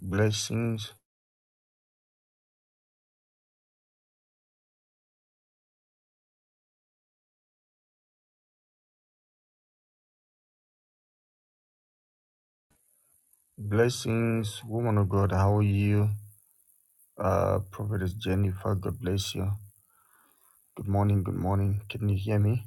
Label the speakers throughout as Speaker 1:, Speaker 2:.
Speaker 1: Blessings, blessings, woman of God. How are you? Uh, Prophetess Jennifer, God bless you. Good morning, good morning. Can you hear me?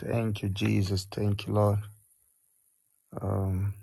Speaker 1: Thank you, Jesus. Thank you, Lord. Um,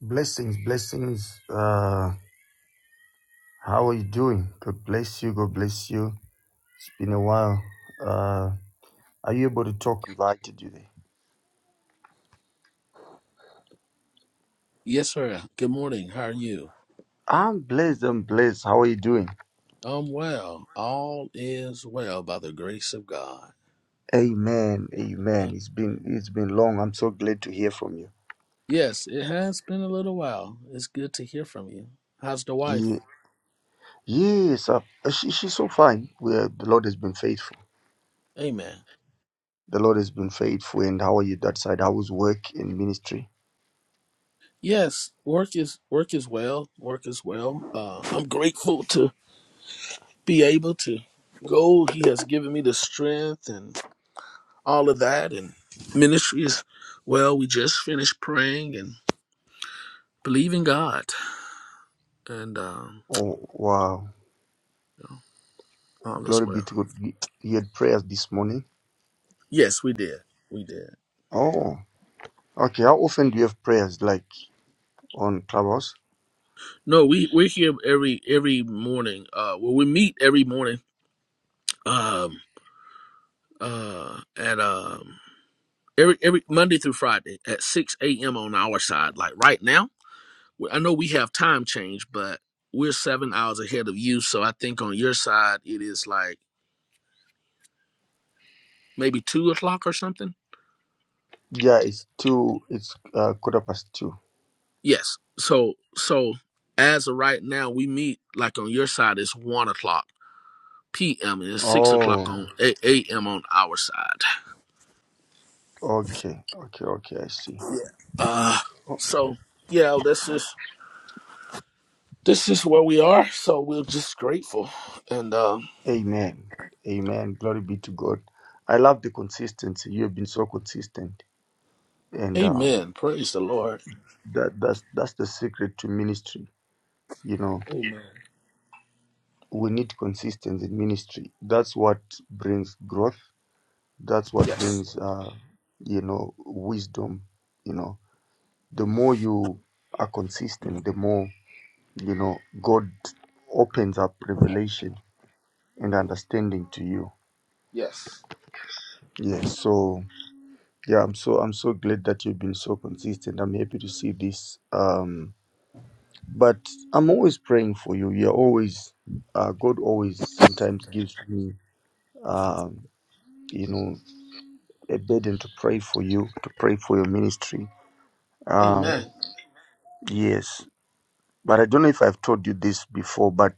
Speaker 1: blessings, blessings. Uh, how are you doing? God bless you. God bless you. It's been a while. Uh, are you able to talk? Invited you there.
Speaker 2: Yes, sir. Good morning. How are you?
Speaker 1: I'm blessed. I'm blessed. How are you doing?
Speaker 2: I'm well. All is well by the grace of God.
Speaker 1: Amen.
Speaker 2: And
Speaker 1: Amen. It's been it's been long. I'm so glad to hear from
Speaker 2: yes, it has been a little while. It's good to hear from you. How's the wife?
Speaker 1: you. Yes, uh, she, she's so fine. Where the Lord has been faithful.
Speaker 2: Amen.
Speaker 1: The Lord has been faithful. And how are you that side? How was work in ministry?
Speaker 2: Yes, work is work is well. Work is well. Uh, I'm grateful to be able to go. He has given me the strength and all of that. And ministry is well. We just finished praying and believing God, and um,
Speaker 1: Oh, wow.
Speaker 2: so all is
Speaker 1: Glory be
Speaker 2: well.
Speaker 1: to God. You you had prayers this morning.
Speaker 2: Yes, we did. We did.
Speaker 1: Oh, okay. How often do you have prayers like on Clubhouse?
Speaker 2: No, we we're here every every morning. Uh, well, we meet every morning. Um, uh, at um every every Monday through Friday at six a.m. on our side. Like right now, we- I know we have time change, but we're seven hours ahead of you. So I think on your side it is like maybe two o'clock or something.
Speaker 1: Yeah, it's two, it's uh, quarter past two.
Speaker 2: Yes. So so as of right now, we meet like on your side it's one o'clock p.m. and it's six o'clock
Speaker 1: Oh,
Speaker 2: on a- a.m. on our side.
Speaker 1: okay. Okay, okay. I see.
Speaker 2: Uh,
Speaker 1: Oh,
Speaker 2: so yeah, this is this is where we are. So we're just grateful and um,
Speaker 1: amen. Amen. Glory be to God. I love the consistency. You have been so consistent. And um,
Speaker 2: Amen. Praise the Lord.
Speaker 1: that that's that's the secret to ministry you know
Speaker 2: Amen.
Speaker 1: we need consistency in ministry that's what brings growth that's what
Speaker 2: Yes.
Speaker 1: brings uh you know wisdom you know the more you are consistent the more you know god opens up revelation and understanding to you
Speaker 2: Yes.
Speaker 1: yes so yeah i'm so i'm so glad that you've been so consistent i'm happy to see this um But I'm always praying for you. You're always, uh, God always sometimes gives me, um, you know, a burden to pray for you, to pray for your ministry. Um,
Speaker 2: Amen.
Speaker 1: yes. But I don't know if I've told you this before, but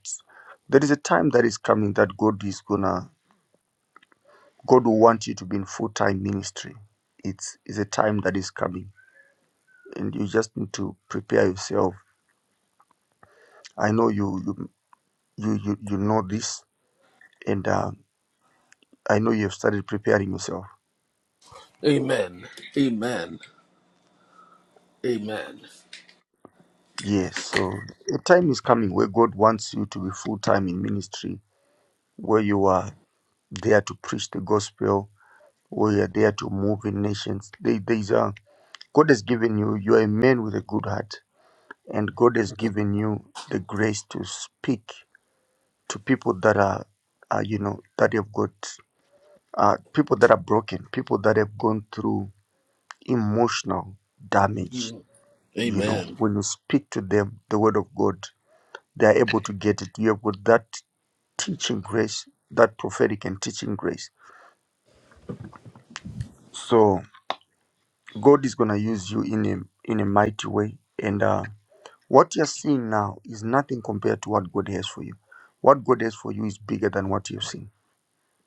Speaker 1: there is a time that is coming that God is gonna, God will want you to be in full time ministry. It's, it's a time that is coming, and you just need to prepare yourself. I know you, you, you, you, you know this, and uh, I know you have started preparing yourself
Speaker 2: Amen. Amen. Amen.
Speaker 1: Yes, so a time is coming where God wants you to be full time in ministry, where you are there to preach the gospel, where you are there to move in nations. There, there's a, God has given you, you are a man with a good heart, and God has given you the grace to speak to people that are, are you know, that have got, uh, people that are broken, people that have gone through emotional damage.
Speaker 2: Mhm.
Speaker 1: You know,
Speaker 2: Amen.
Speaker 1: when you speak to them, the word of God, they are able to get it. You have got that teaching grace, that prophetic and teaching grace. So God is gonna use you in a in a mighty way. And uh, what you're seeing now is nothing compared to what God has for you. What God has for you is bigger than what you've seen.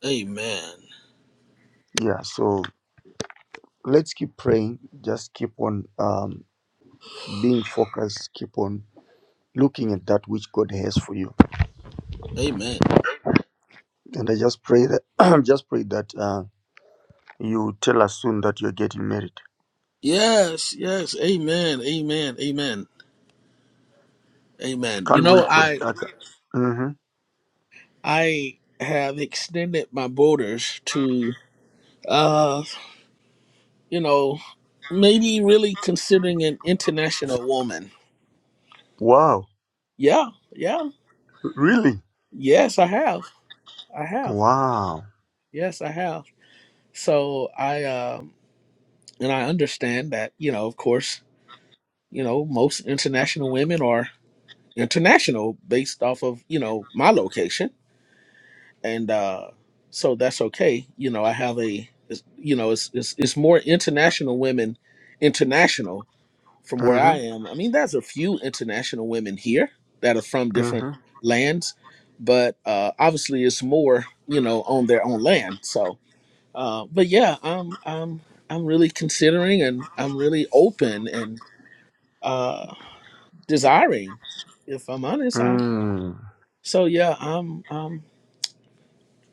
Speaker 2: Amen.
Speaker 1: Yeah. So let's keep praying. Just keep on um, being focused. Keep on looking at that which God has for you.
Speaker 2: Amen.
Speaker 1: And I just pray that I just pray that uh, you tell us soon that you're getting married.
Speaker 2: Yes. Yes. Amen. Amen. Amen. Amen. You
Speaker 1: Can't
Speaker 2: know,
Speaker 1: wait for
Speaker 2: I
Speaker 1: that. hmm
Speaker 2: I have extended my borders to. uh, you know, maybe really considering an international woman.
Speaker 1: Wow.
Speaker 2: Yeah, yeah.
Speaker 1: Really?
Speaker 2: Yes, I have. I have.
Speaker 1: Wow.
Speaker 2: Yes, I have. So I um and I understand that, you know, of course, you know, most international women are international based off of, you know, my location. And uh so that's okay. You know, I have a it's- you know, it's it's, it's more international women international from where
Speaker 1: Mm-hmm.
Speaker 2: I am, I mean, there's a few international women here that are from different
Speaker 1: Mm-hmm.
Speaker 2: lands, but uh, obviously it's more, you know, on their own land. So, uh, but yeah, I'm, I'm, I'm really considering and I'm really open and uh, desiring, if I'm honest. I,
Speaker 1: Mm.
Speaker 2: so yeah, I'm, um,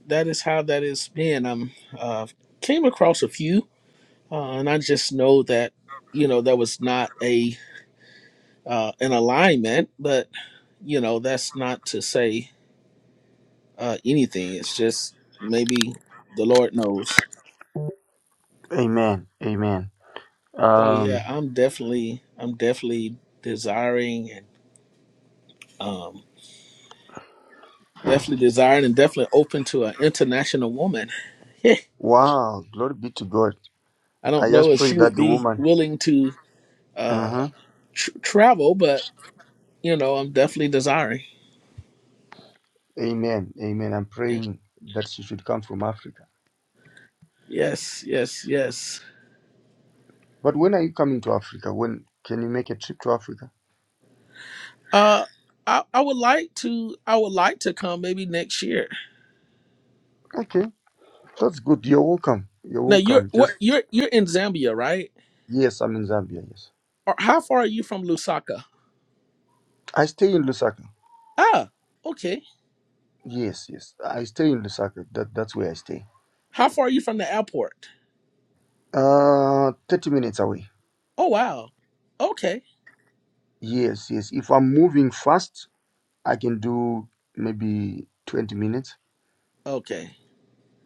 Speaker 2: that is how that is been. I'm, uh, came across a few, uh, and I just know that, you know, that was not a, uh, an alignment, but. you know, that's not to say uh, anything. It's just maybe the Lord knows.
Speaker 1: Amen. Amen.
Speaker 2: So yeah,
Speaker 1: Um.
Speaker 2: I'm definitely, I'm definitely desiring and um, definitely desiring and definitely open to an international woman. I
Speaker 1: Wow. Glory be to God.
Speaker 2: don't
Speaker 1: I
Speaker 2: know
Speaker 1: just
Speaker 2: if
Speaker 1: pray
Speaker 2: she would
Speaker 1: that the
Speaker 2: be
Speaker 1: woman.
Speaker 2: willing to uh,
Speaker 1: Uh-huh.
Speaker 2: tr- travel, but you know, I'm definitely desiring.
Speaker 1: Amen. Amen. I'm praying that she should come from Africa.
Speaker 2: Yes, yes, yes.
Speaker 1: But when are you coming to Africa? When can you make a trip to Africa?
Speaker 2: Uh, I I would like to, I would like to come maybe next year.
Speaker 1: Okay. That's good. You're welcome. You're
Speaker 2: Now you're
Speaker 1: welcome. Just
Speaker 2: what you're you're in Zambia, right?
Speaker 1: yes, I'm in Zambia, yes.
Speaker 2: Or how far are you from Lusaka?
Speaker 1: I stay in Lusaka.
Speaker 2: Ah, okay.
Speaker 1: Yes, yes. I stay in Lusaka. That that's where I stay.
Speaker 2: How far are you from the airport?
Speaker 1: Uh thirty minutes away.
Speaker 2: Oh wow. Okay.
Speaker 1: Yes, yes. If I'm moving fast, I can do maybe 20 minutes.
Speaker 2: Okay.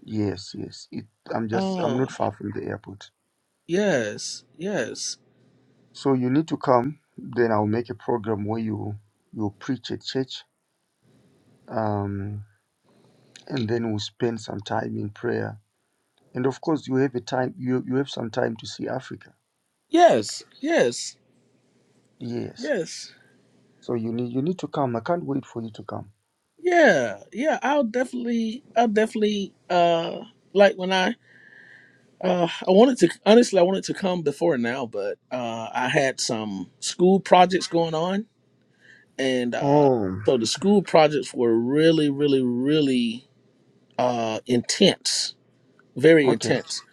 Speaker 1: Yes, yes. It, I'm just, I'm
Speaker 2: Oh
Speaker 1: not far from the airport.
Speaker 2: yes, yes,
Speaker 1: So you need to come. Then I'll make a program where you you preach at church, um, and then we'll spend some time in prayer. And of course, you have a time. You you have some time to see Africa.
Speaker 2: yes, yes,
Speaker 1: Yes.
Speaker 2: yes.
Speaker 1: So you need you need to come. I can't wait for you to come.
Speaker 2: Yeah, yeah. I'll definitely, I'll definitely. Uh, like when I, uh, I wanted to honestly, I wanted to come before now, but uh, I had some school projects going on, and uh,
Speaker 1: Oh,
Speaker 2: so the school projects were really, really, really uh intense very
Speaker 1: okay,
Speaker 2: intense.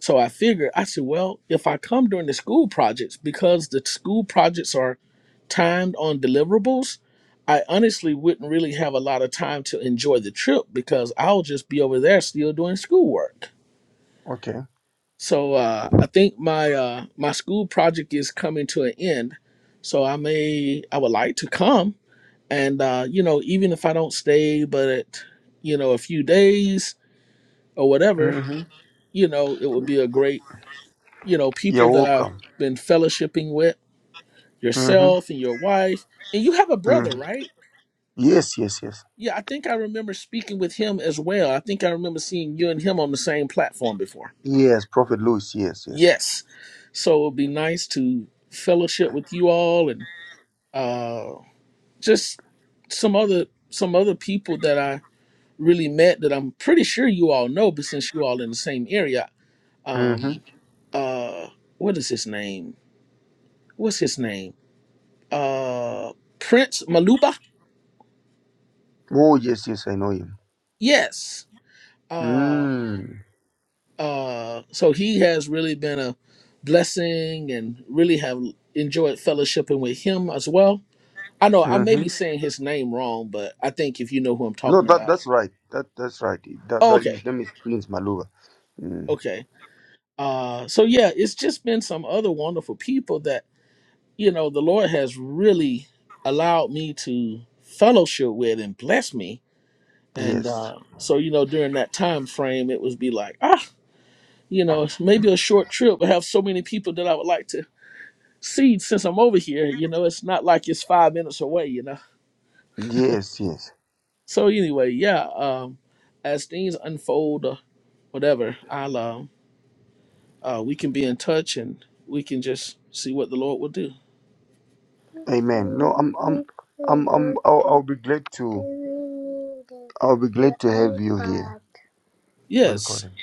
Speaker 2: So I figured, I said, well, if I come during the school projects, because the school projects are timed on deliverables, I honestly wouldn't really have a lot of time to enjoy the trip because I'll just be over there still doing schoolwork.
Speaker 1: okay.
Speaker 2: So uh, I think my uh, my school project is coming to an end. So I may I would like to come and uh, you know even if I don't stay but you know a few days or whatever
Speaker 1: Mm-hmm.
Speaker 2: you know it would be a great you know, people
Speaker 1: You're
Speaker 2: that I've
Speaker 1: welcome.
Speaker 2: been fellowshipping with,
Speaker 1: Mm-hmm.
Speaker 2: yourself and your wife, and you have a brother,
Speaker 1: Mm-hmm.
Speaker 2: right?
Speaker 1: Yes, yes, yes.
Speaker 2: Yeah, I think I remember speaking with him as well. I think I remember seeing you and him on the same platform before.
Speaker 1: Yes, Prophet Louis. Yes, yes.
Speaker 2: Yes. So it would be nice to fellowship with you all and uh just some other some other people that I really met that I'm pretty sure you all know, but since you all in the same area,
Speaker 1: Mm-hmm.
Speaker 2: um uh what is his name? What's his name? uh Prince Maluba.
Speaker 1: Oh yes, yes, I know him.
Speaker 2: Yes. Uh
Speaker 1: Mm.
Speaker 2: uh so he has really been a blessing and really have enjoyed fellowshipping with him as well. I know I may be
Speaker 1: Mm-hmm.
Speaker 2: saying his name wrong, but I think if you know who I'm
Speaker 1: No,
Speaker 2: talking
Speaker 1: that
Speaker 2: about.
Speaker 1: that's right. That that's right. That
Speaker 2: Oh,
Speaker 1: that
Speaker 2: okay.
Speaker 1: his name is Prince Maluba. Mm.
Speaker 2: Okay. Uh so yeah, it's just been some other wonderful people that, you know, the Lord has really allowed me to fellowship with and bless me. And
Speaker 1: Yes,
Speaker 2: uh so you know during that time frame it was be like, ah you know, it's maybe a short trip, but have so many people that I would like to see since I'm over here. You know, it's not like it's five minutes away, you know.
Speaker 1: yes, yes.
Speaker 2: So anyway, yeah, um, as things unfold or whatever, I'll um, uh, we can be in touch and we can just see what the Lord will do.
Speaker 1: Amen. No, I'm I'm I'm I'm I'll, I'll be glad to I'll be glad to have you here. Go and call
Speaker 2: Yes,
Speaker 1: him.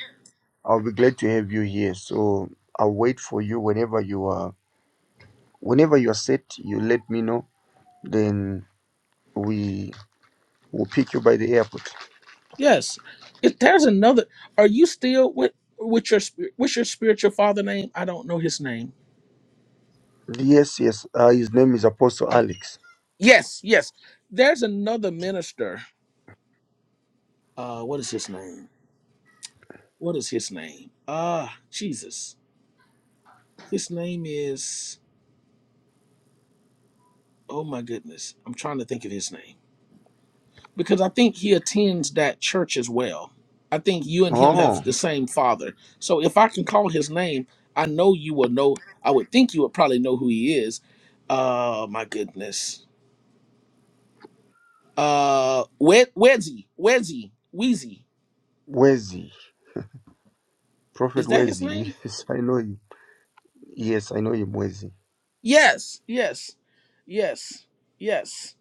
Speaker 1: I'll be glad to have you here. So I'll wait for you whenever you are whenever you are set. You let me know. Then we will pick you by the airport.
Speaker 2: yes. If there's another, are you still with with your spir- what's your spiritual father name? I don't know his name.
Speaker 1: Yes, yes. Uh, his name is Apostle Alex.
Speaker 2: Yes, yes. There's another minister. Uh, what is his name? What is his name? Ah, Jesus. His name is, oh my goodness, I'm trying to think of his name because I think he attends that church as well. I think you and him
Speaker 1: Oh,
Speaker 2: have the same father. So if I can call his name, I know you will know. I would think you would probably know who he is. Oh my goodness. Uh, Wed- Wedzy, Wedzy, Wheezy.
Speaker 1: Wezi, Prophet
Speaker 2: Is that his
Speaker 1: Wezi.
Speaker 2: name?
Speaker 1: Yes, I know him. Yes, I know him, Wezi.
Speaker 2: Yes, yes, yes, yes,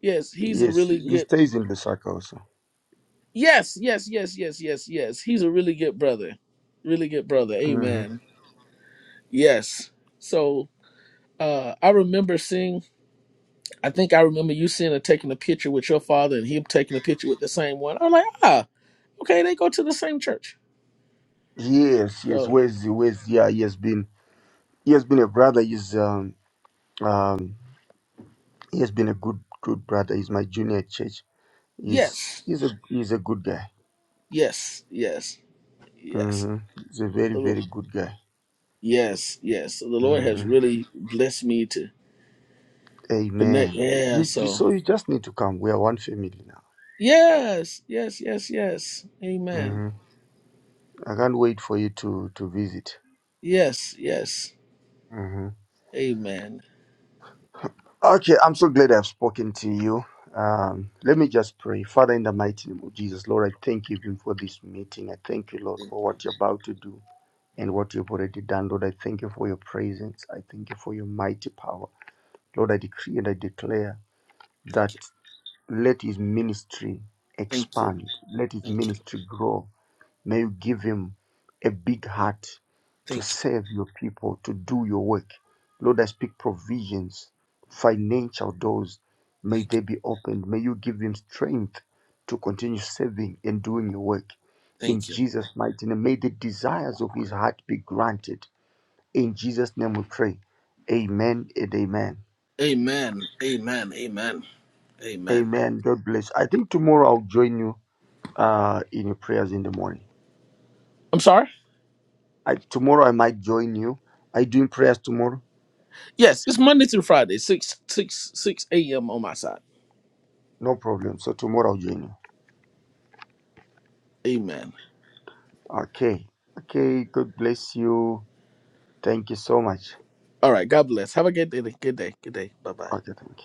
Speaker 2: yes. He's a
Speaker 1: Yes,
Speaker 2: really
Speaker 1: he
Speaker 2: good.
Speaker 1: stays in Lusaka also.
Speaker 2: Yes, yes, yes, yes, yes, yes. He's a really good brother. Really good brother.
Speaker 1: hmm
Speaker 2: Amen. Yes. So uh I remember seeing I think I remember you seeing her taking a picture with your father and him taking a picture with the same one. I'm like, ah, okay, they go to the same church.
Speaker 1: Yes, yes,
Speaker 2: So
Speaker 1: Wezi, Wezi. Yeah, he has been, he has been a brother. He's um, um, he has been a good, good brother. He's my junior at church. He's,
Speaker 2: yes,
Speaker 1: he's a, he's a good guy.
Speaker 2: yes, yes, yes.
Speaker 1: hmm He's a very,
Speaker 2: The
Speaker 1: very
Speaker 2: Lord-
Speaker 1: good guy.
Speaker 2: Yes, yes. So the Lord has
Speaker 1: hmm
Speaker 2: really blessed me to connect.
Speaker 1: Amen.
Speaker 2: Yeah,
Speaker 1: You, you,
Speaker 2: so
Speaker 1: so you just need to come. We are one family now.
Speaker 2: yes, yes, yes, yes. Amen.
Speaker 1: hmm I can't wait for you to, to visit.
Speaker 2: Yes, yes.
Speaker 1: Mm-hmm.
Speaker 2: Amen.
Speaker 1: Okay, I'm so glad I've spoken to you. Um, let me just pray. Father, in the mighty name of Jesus, Lord, I thank you even for this meeting. I thank you, Lord, for what you're about to do and what you've already done. Lord, I thank you for your presence. I thank you for your mighty power. Lord, I decree and I declare that
Speaker 2: Thank you.
Speaker 1: let his ministry
Speaker 2: Thank you.
Speaker 1: expand, let his
Speaker 2: Thank you.
Speaker 1: ministry grow May you give him a big heart to
Speaker 2: Thank you.
Speaker 1: serve your people, to do your work. Lord, I speak provisions, financial doors, may
Speaker 2: Thank you.
Speaker 1: they be opened. May you give him strength to continue serving and doing your work. In
Speaker 2: Thank you.
Speaker 1: Jesus' mighty name, may the desires of his heart be granted. In Jesus' name we pray. Amen and amen.
Speaker 2: Amen. Amen. Amen. Amen.
Speaker 1: Amen. God bless. I think tomorrow I'll join you uh, in your prayers in the morning.
Speaker 2: I'm sorry?
Speaker 1: I, tomorrow I might join you. Are you doing prayers tomorrow?
Speaker 2: Yes, it's Monday through Friday, six six six a.m. on my side.
Speaker 1: No problem. So tomorrow I'll join you.
Speaker 2: Amen.
Speaker 1: Okay. Okay. God bless you. Thank you so much.
Speaker 2: All right. God bless. Have a good day. Good day. Good day. Bye bye.
Speaker 1: Okay. Thank you.